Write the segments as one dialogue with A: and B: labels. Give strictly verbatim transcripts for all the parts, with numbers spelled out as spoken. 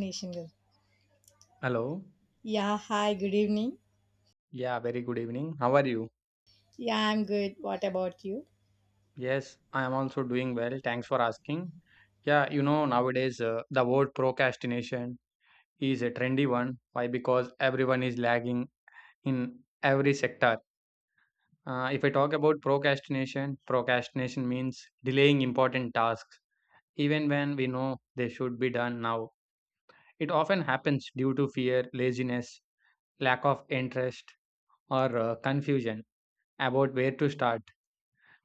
A: Nation. Girl.
B: Hello.
A: Yeah, hi, good evening.
B: Yeah, very good evening. How are you?
A: Yeah, I'm good. What about you?
B: Yes, I am also doing well. Thanks for asking. Yeah, you know, nowadays uh, the word procrastination is a trendy one. Why? Because everyone is lagging in every sector. Uh, if I talk about procrastination, procrastination means delaying important tasks, even when we know they should be done now. It often happens due to fear, laziness, lack of interest, or uh, confusion about where to start.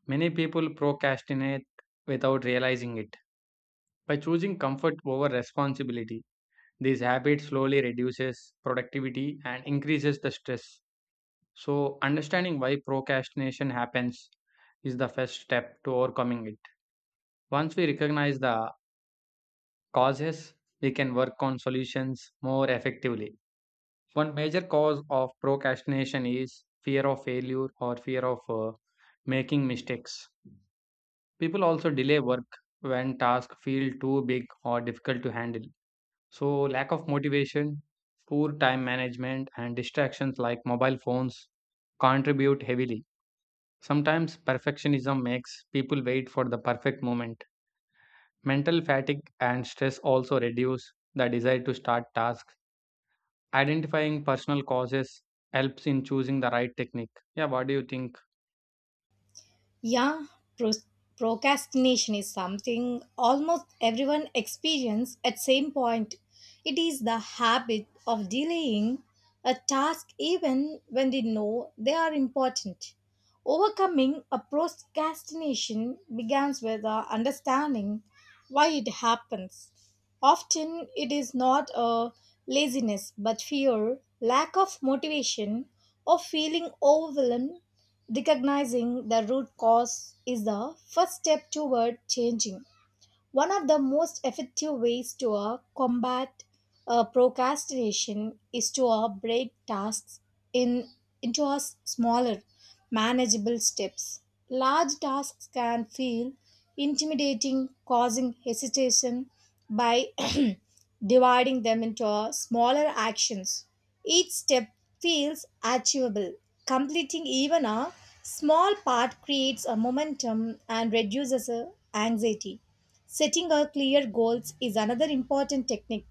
B: Many people procrastinate without realizing it. By choosing comfort over responsibility, this habit slowly reduces productivity and increases the stress. So, understanding why procrastination happens is the first step to overcoming it. Once we recognize the causes, we can work on solutions more effectively. One major cause of procrastination is fear of failure or fear of uh, making mistakes. People also delay work when tasks feel too big or difficult to handle. So, lack of motivation, poor time management, and distractions like mobile phones contribute heavily. Sometimes perfectionism makes people wait for the perfect moment. Mental fatigue and stress also reduce the desire to start tasks. Identifying personal causes helps in choosing the right technique. Yeah, what do you think?
A: Yeah, pros- procrastination is something almost everyone experience at same point. It is the habit of delaying a task even when they know they are important. Overcoming a procrastination begins with a understanding why it happens. Often it is not a laziness but fear, lack of motivation, or feeling overwhelmed. Recognizing the root cause is the first step toward changing. One of the most effective ways to uh, combat uh, procrastination is to uh, break tasks in, into a s- smaller, manageable steps. Large tasks can feel intimidating, causing hesitation by dividing them into uh, smaller actions. Each step feels achievable. Completing even a small part creates a momentum and reduces uh, anxiety. Setting a clear goals is another important technique.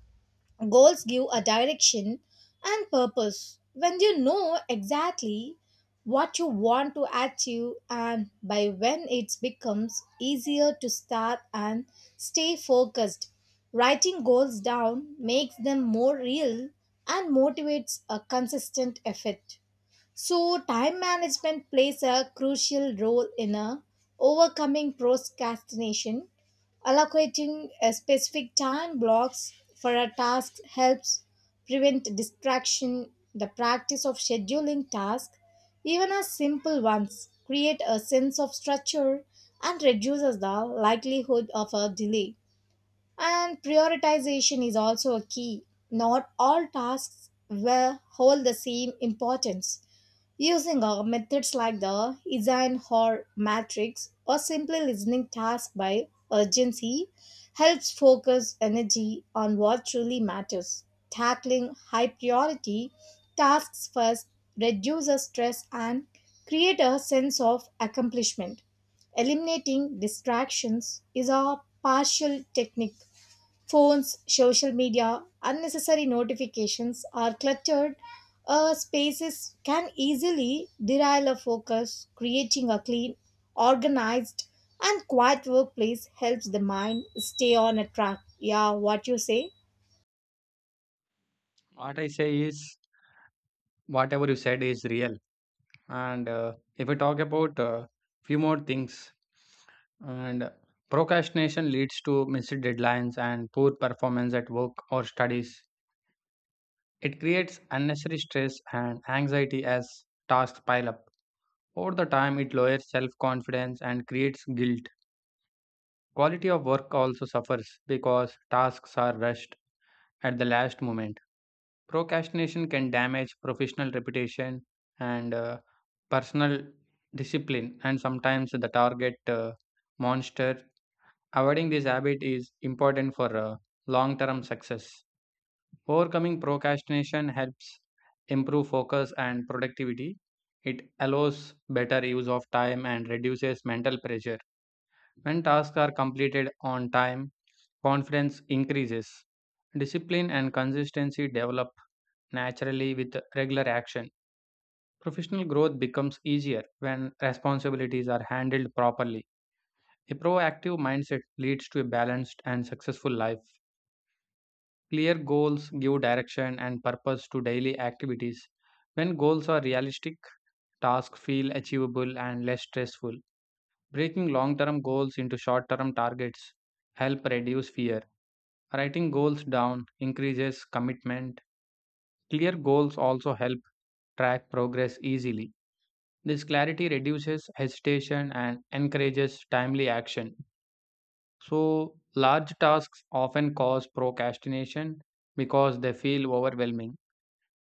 A: Goals give a direction and purpose. When you know exactly what you want to achieve and by when, it becomes easier to start and stay focused. Writing goals down makes them more real and motivates a consistent effort. So, time management plays a crucial role in uh, overcoming procrastination. Allocating uh, specific time blocks for a task helps prevent distraction. The practice of scheduling tasks, even as simple ones, create a sense of structure and reduces the likelihood of a delay. And prioritization is also a key. Not all tasks will hold the same importance. Using uh, methods like the Eisenhower matrix, or simply listening tasks by urgency, helps focus energy on what truly matters. Tackling high priority tasks first reduces stress and create a sense of accomplishment. Eliminating distractions is a partial technique. Phones, social media, unnecessary notifications, are cluttered uh, spaces can easily derail our focus. Creating a clean, organized, and quiet workplace helps the mind stay on a track. Yeah, what you say?
B: What I say is, whatever you said is real. And uh, if we talk about uh, few more things, and procrastination leads to missed deadlines and poor performance at work or studies. It creates unnecessary stress and anxiety as tasks pile up. Over the time, it lowers self confidence and creates guilt. Quality of work also suffers because tasks are rushed at the last moment. Procrastination can damage professional reputation and uh, personal discipline, and sometimes the target uh, monster. Avoiding this habit is important for uh, long term success. Overcoming procrastination helps improve focus and productivity. It allows better use of time and reduces mental pressure. When tasks are completed on time, confidence increases. Discipline and consistency develop naturally with regular action. Professional growth becomes easier when responsibilities are handled properly. A proactive mindset leads to a balanced and successful life. Clear goals give direction and purpose to daily activities. When goals are realistic, tasks feel achievable and less stressful. Breaking long term goals into short term targets help reduce fear. Writing goals down increases commitment. Clear goals also help track progress easily. This clarity reduces hesitation and encourages timely action. So, large tasks often cause procrastination because they feel overwhelming.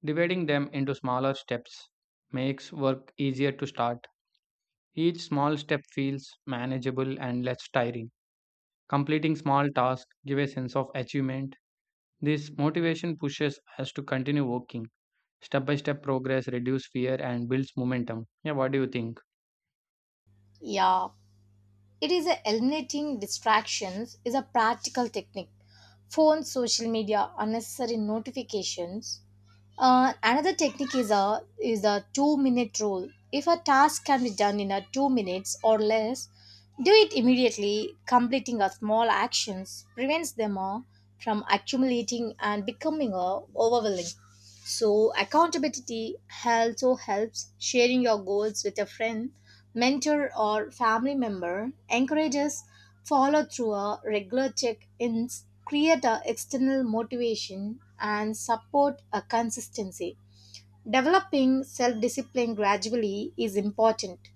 B: Dividing them into smaller steps makes work easier to start. Each small step feels manageable and less tiring. Completing small tasks give a sense of achievement. This motivation pushes us to continue working. Step by step progress reduces fear and builds momentum. Yeah, what do you think?
A: Yeah, It is a eliminating distractions is a practical technique. Phone, social media, unnecessary notifications. Uh, another technique is a is a two minute rule. If a task can be done in a two minutes or less, do it immediately. Completing a small actions prevents them all from accumulating and becoming uh, overwhelming. So, accountability also helps. Sharing your goals with a friend, mentor, or family member encourages follow through. A regular check-ins create a external motivation and support a consistency. Developing self-discipline gradually is important.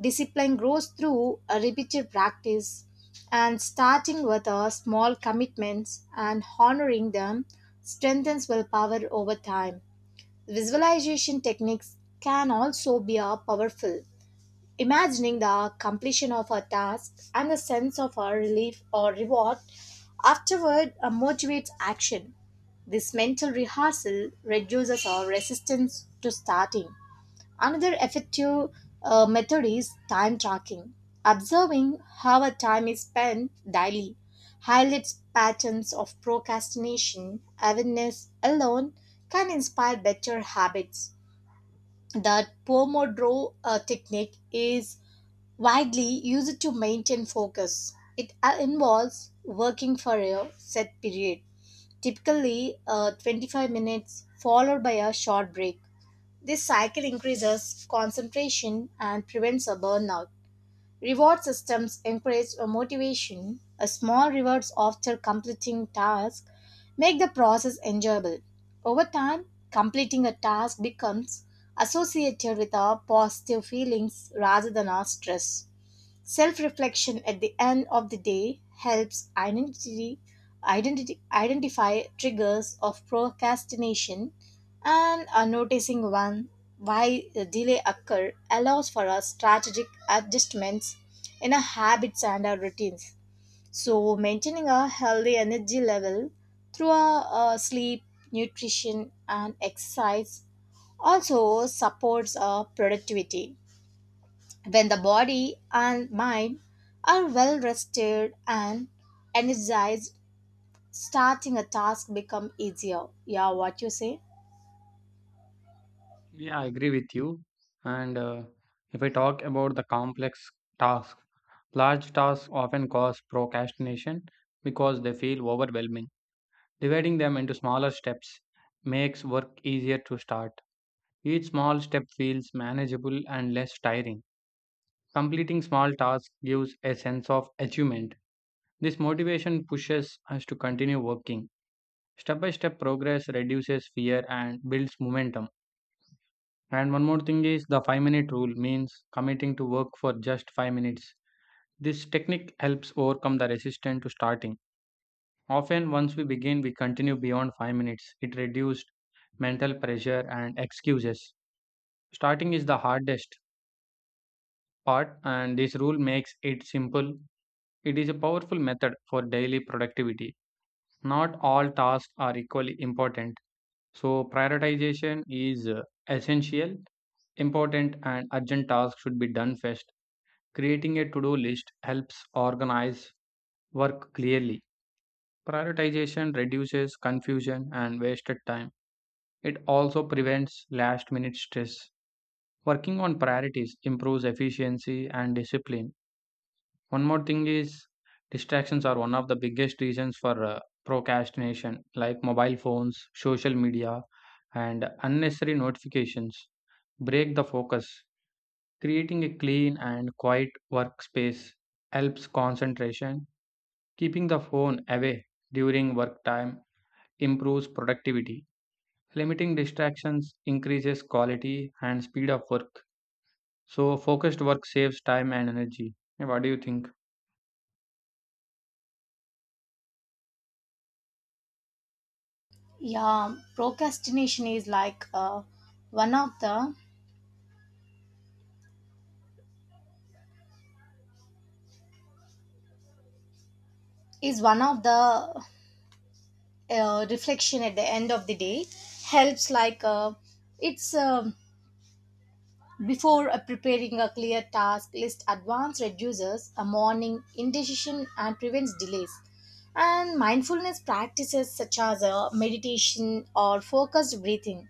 A: Discipline grows through a repeated practice, and starting with a small commitments and honoring them strengthens willpower over time. Visualization techniques can also be a powerful. Imagining the completion of a task and the sense of a relief or reward afterward uh, motivates action. This mental rehearsal reduces our resistance to starting. Another effective uh, method is time tracking. Observing how our time is spent daily highlights patterns of procrastination. Awareness alone can inspire better habits. The Pomodoro uh, technique is widely used to maintain focus. It uh, involves working for a set period, typically uh, twenty-five minutes, followed by a short break. This cycle increases concentration and prevents a burnout. Reward systems encourage a motivation. A small rewards after completing tasks make the process enjoyable. Over time, completing a task becomes associated with our positive feelings rather than our stress. Self reflection at the end of the day helps identity, identity, identify triggers of procrastination, and uh, noticing one why the delay occur allows for a strategic adjustments in our habits and our routines. So, maintaining a healthy energy level through our uh, sleep, nutrition and exercise also supports our productivity when the body and mind are well rested and energized, starting a task become easier. Yeah, what you say?
B: Yeah, I agree with you. And uh, if I talk about the complex task, large tasks often cause procrastination because they feel overwhelming. Dividing them into smaller steps makes work easier to start. Each small step feels manageable and less tiring. Completing small tasks gives a sense of achievement. This motivation pushes us to continue working. Step by step progress reduces fear and builds momentum. And one more thing is the five minute rule means committing to work for just five minutes. This technique helps overcome the resistance to starting. Often, once we begin, we continue beyond five minutes. It reduced mental pressure and excuses. Starting is the hardest part, and this rule makes it simple. It is a powerful method for daily productivity. Not all tasks are equally important, so prioritization is uh, essential. Important and urgent tasks should be done first. Creating a to do list helps organize work clearly. Prioritization reduces confusion and wasted time. It also prevents last minute stress. Working on priorities improves efficiency and discipline. One more thing is distractions are one of the biggest reasons for uh, procrastination, like mobile phones, social media, and unnecessary notifications. Break the focus. Creating a clean and quiet workspace helps concentration. Keeping the phone away during work time improves productivity. Limiting distractions increases quality and speed of work. So, focused work saves time and energy. Yeah, what do you think?
A: Yeah, procrastination is like uh, one of the is one of the uh, reflection at the end of the day helps like uh, it's um before uh, preparing a clear task list, advance reduces a morning indecision and prevents delays. And mindfulness practices such as uh, meditation or focused breathing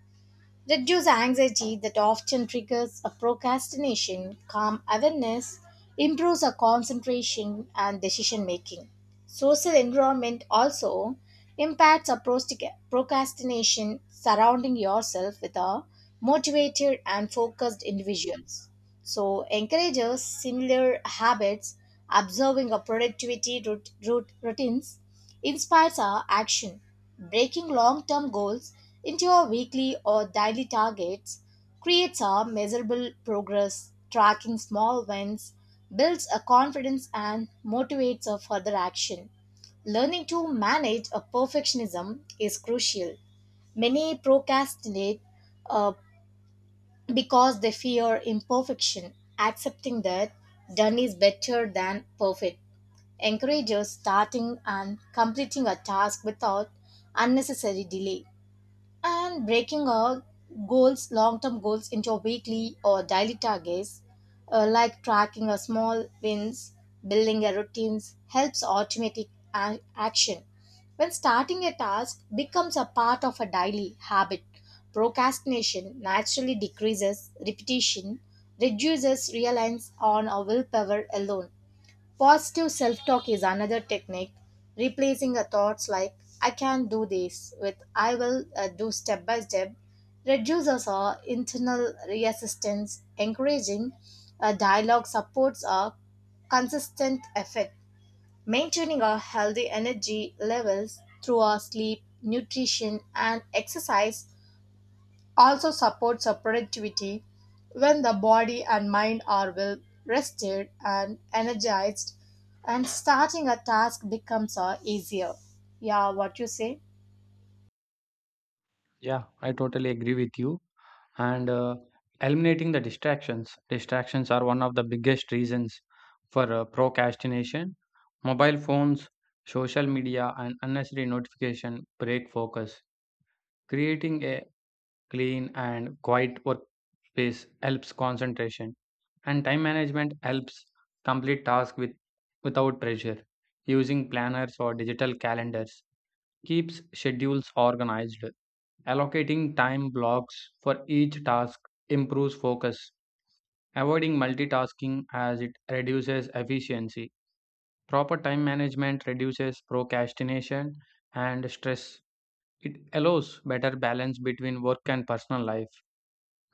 A: reduce anxiety that often triggers a procrastination. Calm awareness improves our concentration and decision making. Social environment also impacts our prostic- procrastination. Surrounding yourself with a motivated and focused individuals, so, encourages similar habits. Observing a productivity rut- rut- routines inspires our action. Breaking long-term goals into our weekly or daily targets creates a measurable progress. Tracking small wins builds a confidence and motivates a further action. Learning to manage a perfectionism is crucial. Many procrastinate uh, because they fear imperfection. Accepting that done is better than perfect encourages starting and completing a task without unnecessary delay. And breaking all goals, long-term goals, into weekly or daily targets, uh, like tracking a small wins, building a routines helps automatic a- action. When starting a task becomes a part of a daily habit, procrastination naturally decreases. Repetition reduces reliance on our willpower alone. Positive self talk is another technique. Replacing a thoughts like I can do this with I will uh, do step by step reduces our internal resistance. Encouraging a dialogue supports our consistent effort. Maintaining our healthy energy levels through our sleep, nutrition, and exercise also supports our productivity. When the body and mind are well rested and energized, and starting a task becomes uh, easier. Yeah, what you say?
B: Yeah, I totally agree with you. And uh, eliminating the distractions. Distractions are one of the biggest reasons for uh, procrastination. Mobile phones, social media, and unnecessary notification break focus, creating a clean and quiet workspace helps concentration and time management helps complete tasks with, without pressure using planners or digital calendars keeps schedules organized allocating time blocks for each task improves focus avoiding multitasking as it reduces efficiency proper time management reduces procrastination and stress it allows better balance between work and personal life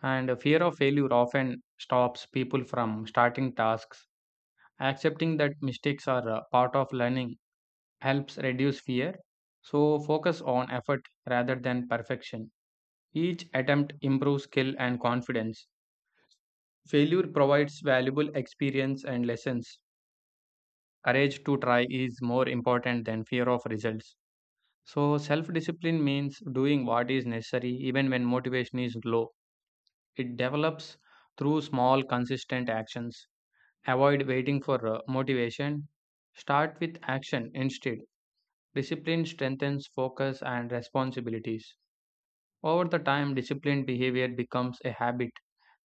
B: and fear of failure often stops people from starting tasks. Accepting that mistakes are a part of learning helps reduce fear. So, focus on effort rather than perfection. Each attempt improves skill and confidence. Failure provides valuable experience and lessons. Courage to try is more important than fear of results. So, self discipline means doing what is necessary even when motivation is low. It develops through small, consistent actions. Avoid waiting for uh, motivation. Start with action instead. Discipline strengthens focus and responsibilities. Over the time, disciplined behavior becomes a habit.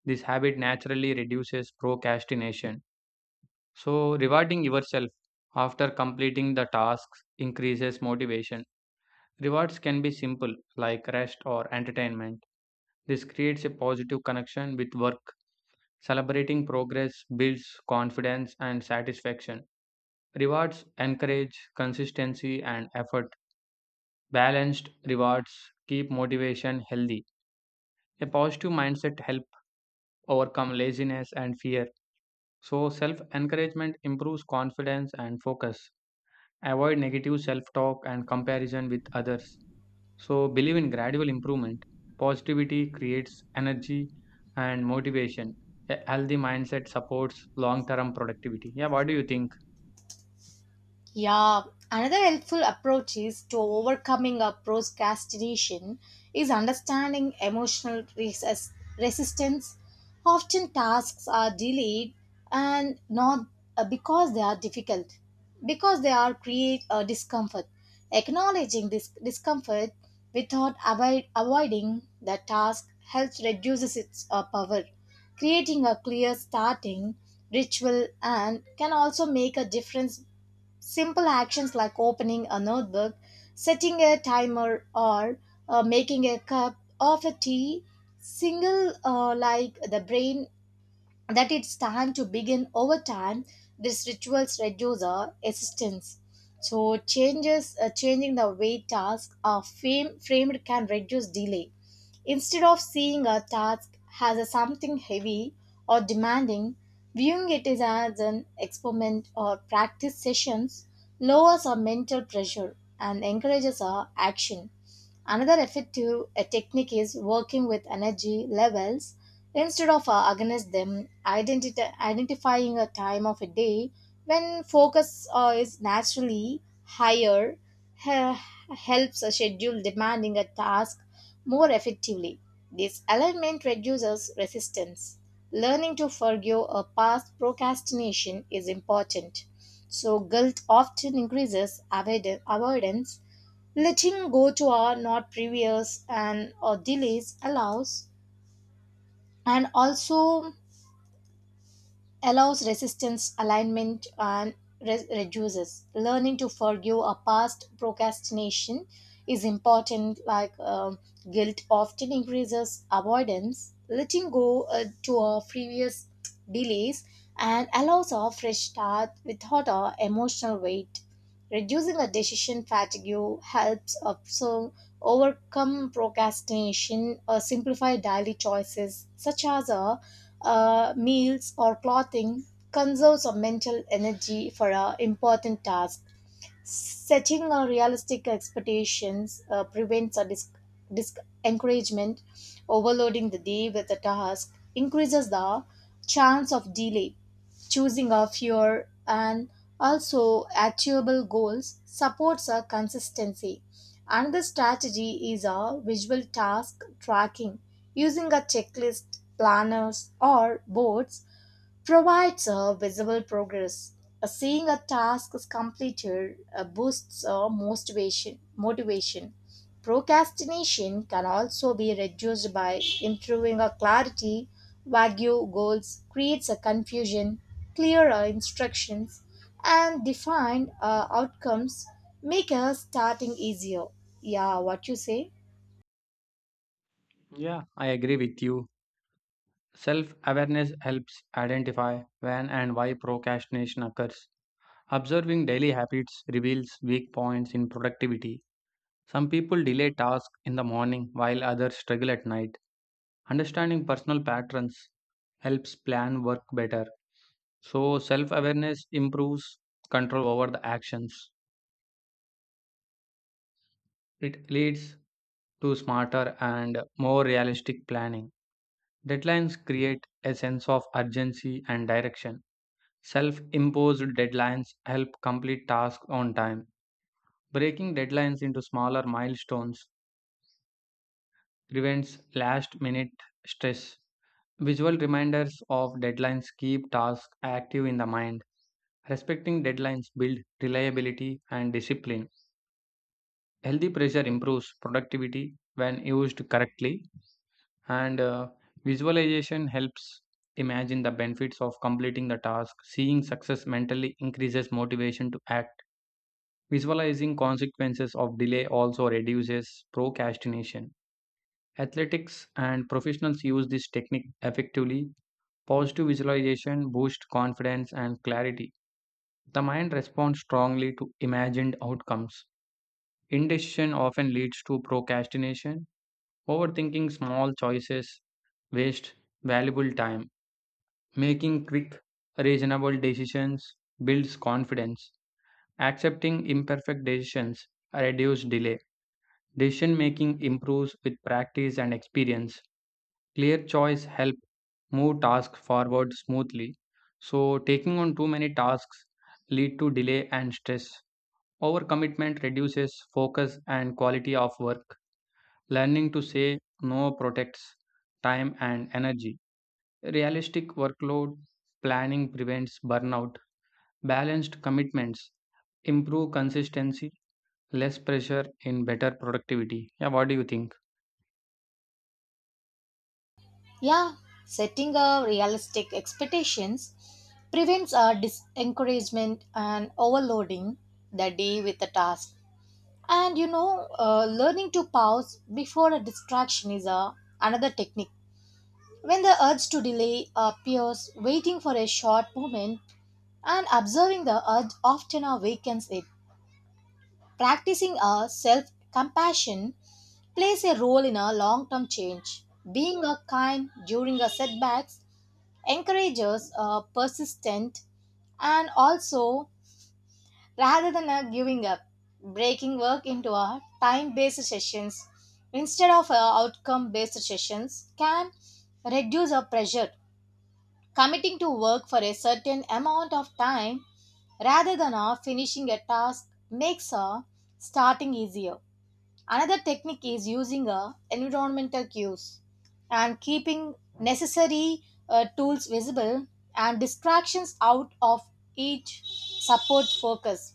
B: This habit naturally reduces procrastination. So, rewarding yourself after completing the tasks increases motivation. Rewards can be simple, like rest or entertainment. This creates a positive connection with work. Celebrating progress builds confidence and satisfaction. Rewards encourage consistency and effort. Balanced rewards keep motivation healthy. A positive mindset helps overcome laziness and fear. So, self encouragement improves confidence and focus. Avoid negative self talk and comparison with others. So, believe in gradual improvement. Positivity creates energy and motivation. A healthy mindset supports long term productivity. Yeah, what do you think?
A: Yeah, another helpful approach is to overcoming a procrastination is understanding emotional reses- resistance. Often tasks are delayed and not uh, because they are difficult, because they are create a discomfort. Acknowledging this discomfort without avoid, avoiding the task helps reduces its uh, power. Creating a clear starting ritual and can also make a difference. Simple actions like opening a notebook, setting a timer, or uh, making a cup of a tea single uh, like the brain that it's time to begin. Over time, these rituals reduce the assistance. So, changes uh, changing the way tasks are frame, framed can reduce delay. Instead of seeing a task as a something heavy or demanding, viewing it is as an experiment or practice sessions lowers our mental pressure and encourages our action. Another effective uh, technique is working with energy levels instead of uh, against them. Identi- identifying a time of a day when focus uh, is naturally higher he- helps uh, schedule demanding a task more effectively. This alignment reduces resistance. Learning to forgive a past procrastination is important. So, guilt often increases avoid- avoidance. Letting go to our not previous and or delays allows, and also allows resistance alignment and re- reduces. Learning to forgive a past procrastination is important, like um, guilt often increases avoidance. Letting go uh, to our previous delays and allows a fresh start without our emotional weight. Reducing a decision fatigue helps also overcome procrastination, or simplify daily choices such as uh, uh, meals or clothing, conserves of mental energy for uh, important tasks. Setting uh, realistic expectations uh, prevents a dis- dis- encouragement. Overloading the day with a task increases the chance of delay. Choosing a fewer and also achievable goals supports a consistency. Another strategy is a visual task tracking. Using a checklist, planners or boards provides a visible progress. A seeing a task is completed uh, boosts uh, motivation. Motivation. Procrastination can also be reduced by improving a clarity. Vague goals creates a confusion. Clearer instructions and defined uh, outcomes make a starting easier. Yeah, what you say?
B: Yeah, I agree with you. Self awareness helps identify when and why procrastination occurs. Observing daily habits reveals weak points in productivity. Some people delay tasks in the morning while others struggle at night. Understanding personal patterns helps plan work better. So, self awareness improves control over the actions. It leads to smarter and more realistic planning. Deadlines create a sense of urgency and direction. Self imposed deadlines help complete tasks on time. Breaking deadlines into smaller milestones prevents last minute stress. Visual reminders of deadlines keep tasks active in the mind. Respecting deadlines build reliability and discipline. Healthy pressure improves productivity when used correctly, and uh, visualization helps imagine the benefits of completing the task. Seeing success mentally increases motivation to act. Visualizing consequences of delay also reduces procrastination. Athletics and professionals use this technique effectively. Positive visualization boosts confidence and clarity. The mind responds strongly to imagined outcomes. Indecision often leads to procrastination. Overthinking small choices wastes valuable time. Making quick, reasonable decisions builds confidence. Accepting imperfect decisions reduces delay. Decision making improves with practice and experience. Clear choice help move tasks forward smoothly. So taking on too many tasks lead to delay and stress. Overcommitment reduces focus and quality of work. Learning to say no protects time and energy. Realistic workload planning prevents burnout. Balanced commitments improve consistency, less pressure in better productivity. Yeah, what do you think?
A: Yeah, setting a realistic expectations prevents our disencouragement and overloading the day with a task. And you know, uh, learning to pause before a distraction is a, another technique. When the urge to delay appears, waiting for a short moment and observing the urge often awakens it. Practicing a self compassion plays a role in a long term change. Being a kind during a setbacks encourages uh, persistent, and also rather than uh, giving up. Breaking work into a time based sessions instead of outcome based sessions can reduce our pressure. Committing to work for a certain amount of time rather than uh, finishing a task makes uh, starting easier. Another technique is using a environmental cues, and keeping necessary uh, tools visible and distractions out of each, support focus.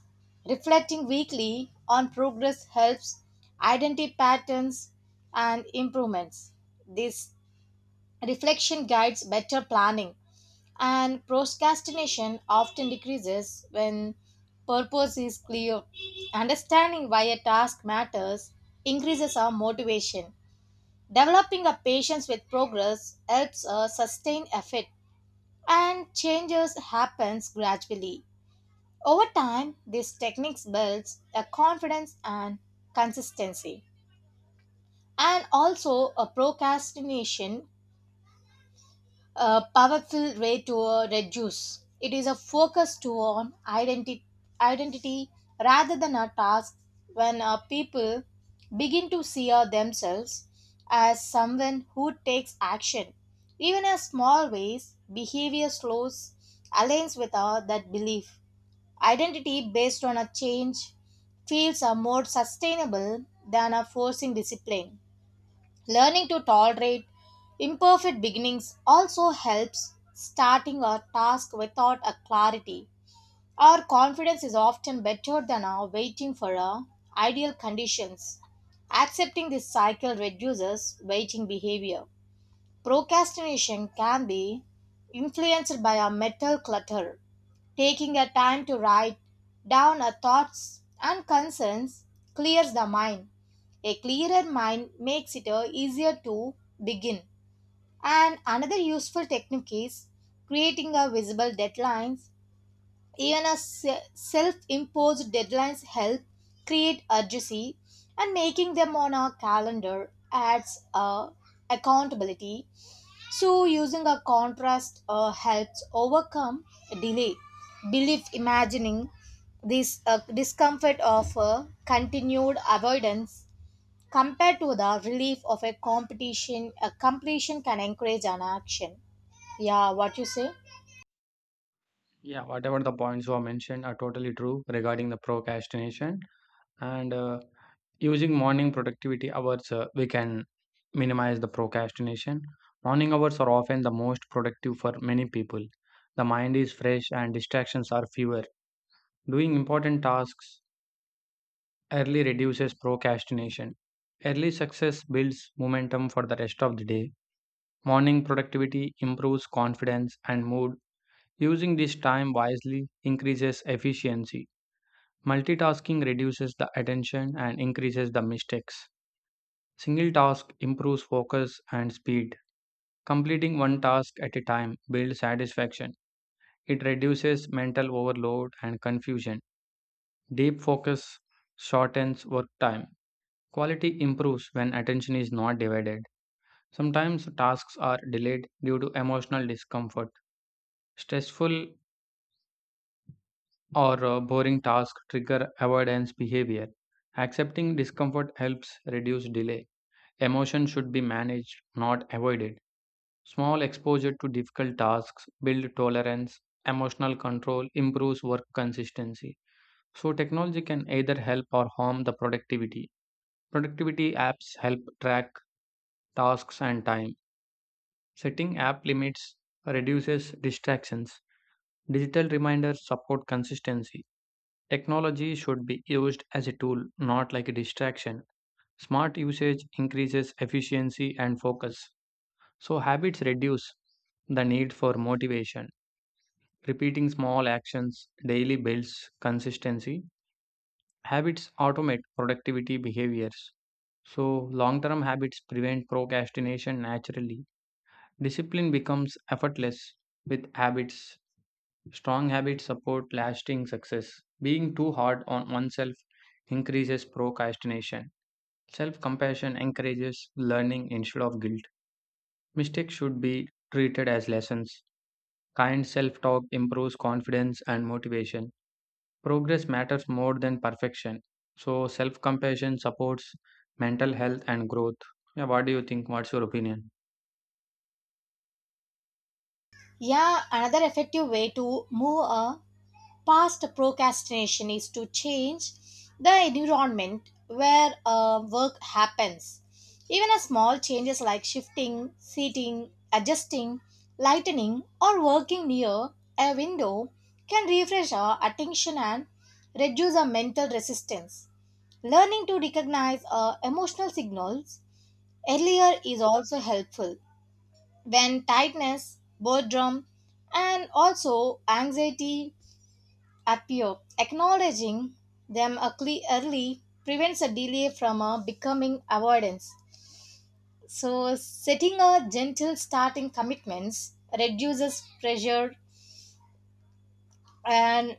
A: Reflecting weekly on progress helps identify patterns and improvements. This reflection guides better planning, and procrastination often decreases when purpose is clear. Understanding why a task matters increases our motivation. Developing a patience with progress helps us sustain effort, and changes happens gradually. Over time, these techniques builds a confidence and consistency. And also a procrastination a powerful way to uh, reduce. It is a focus to on identity, identity rather than a task. When uh, people begin to see uh, themselves as someone who takes action, even in small ways, behavior slows aligns with uh, that belief. Identity based on a change feels uh, more sustainable than a forcing discipline. Learning to tolerate imperfect beginnings also helps starting a task without a clarity. Our confidence is often better than our waiting for our ideal conditions. Accepting this cycle reduces waiting behavior. Procrastination can be influenced by our mental clutter. Taking a time to write down our thoughts and concerns clears the mind. A clearer mind makes it uh, easier to begin. And another useful technique is creating a visible deadline. Even a se- self-imposed deadlines help create urgency, and making them on our calendar adds uh, accountability. So, using a contrast uh, helps overcome delay. Belief imagining this uh, discomfort of a continued avoidance compared to the relief of a competition a completion can encourage an action. Yeah, what you say?
B: Yeah, whatever the points were mentioned are totally true regarding the procrastination and uh, using morning productivity hours uh, we can minimize the procrastination. Morning hours are often the most productive for many people. The mind is fresh and distractions are fewer. Doing important tasks early reduces procrastination. Early success builds momentum for the rest of the day. Morning productivity improves confidence and mood. Using this time wisely increases efficiency. Multitasking reduces the attention and increases the mistakes. Single task improves focus and speed. Completing one task at a time builds satisfaction. It reduces mental overload and confusion. Deep focus shortens work time. Quality improves when attention is not divided. Sometimes tasks are delayed due to emotional discomfort. Stressful or uh, boring tasks trigger avoidance behavior. Accepting discomfort helps reduce delay. Emotion should be managed, not avoided. Small exposure to difficult tasks build tolerance. Emotional control improves work consistency. So technology can either help or harm the productivity. Productivity apps help track tasks and time. Setting app limits reduces distractions. Digital reminders support consistency. Technology should be used as a tool, not like a distraction. Smart usage increases efficiency and focus. So, habits reduce the need for motivation. Repeating small actions daily builds consistency. Habits automate productivity behaviors. So, long term habits prevent procrastination naturally. Discipline becomes effortless with habits. Strong habits support lasting success. Being too hard on oneself increases procrastination. Self compassion encourages learning instead of guilt. Mistakes should be treated as lessons. Kind self talk improves confidence and motivation. Progress matters more than perfection. So, self compassion supports mental health and growth. Yeah, what do you think? What's your opinion?
A: Yeah, another effective way to move a past procrastination is to change the environment where uh, work happens. Even a small changes like shifting, seating, adjusting, lightening, or working near a window can refresh our attention and reduce our mental resistance. Learning to recognize uh, emotional signals earlier is also helpful when tightness, boredom, and also anxiety appear. Acknowledging them early early prevents a delay from a becoming avoidance. So, setting a gentle starting commitments reduces pressure and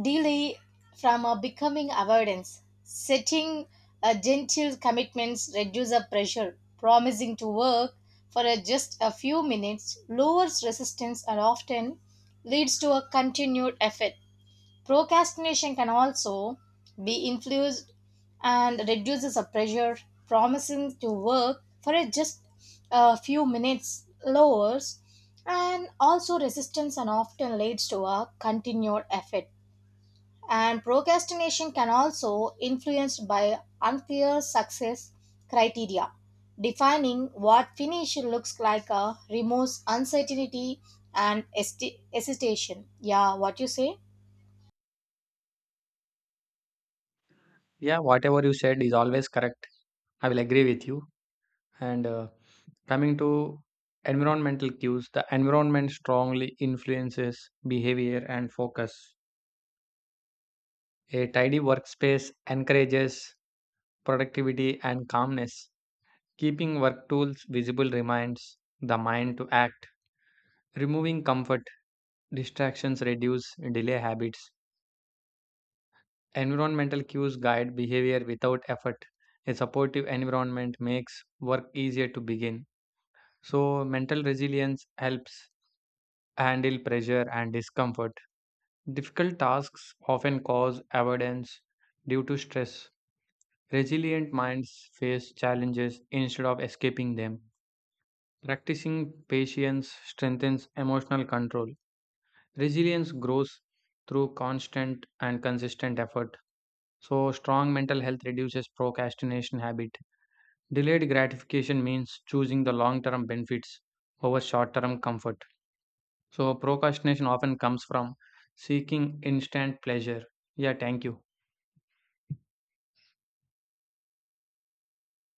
A: delay from uh, becoming avoidance. Setting a gentle commitments reduce the pressure. Promising to work for uh, just a few minutes lowers resistance and often leads to a continued effort. Procrastination can also be influenced and reduces the pressure. Promising to work for uh, just a few minutes lowers, and also resistance and often leads to a continued effort, and procrastination can also influenced by unclear success criteria. Defining what finish looks like uh, removes uncertainty and hesti- hesitation. Yeah, what you say?
B: Yeah, whatever you said is always correct. I will agree with you. And uh, coming to environmental cues, the environment strongly influences behavior and focus. A tidy workspace encourages productivity and calmness. Keeping work tools visible reminds the mind to act. Removing comfort, distractions reduce delay habits. Environmental cues guide behavior without effort. A supportive environment makes work easier to begin. So, mental resilience helps handle pressure and discomfort. Difficult tasks often cause avoidance due to stress. Resilient minds face challenges instead of escaping them. Practicing patience strengthens emotional control. Resilience grows through constant and consistent effort. So, strong mental health reduces procrastination habit. Delayed gratification means choosing the long term benefits over short term comfort. So, procrastination often comes from seeking instant pleasure. Yeah, thank you.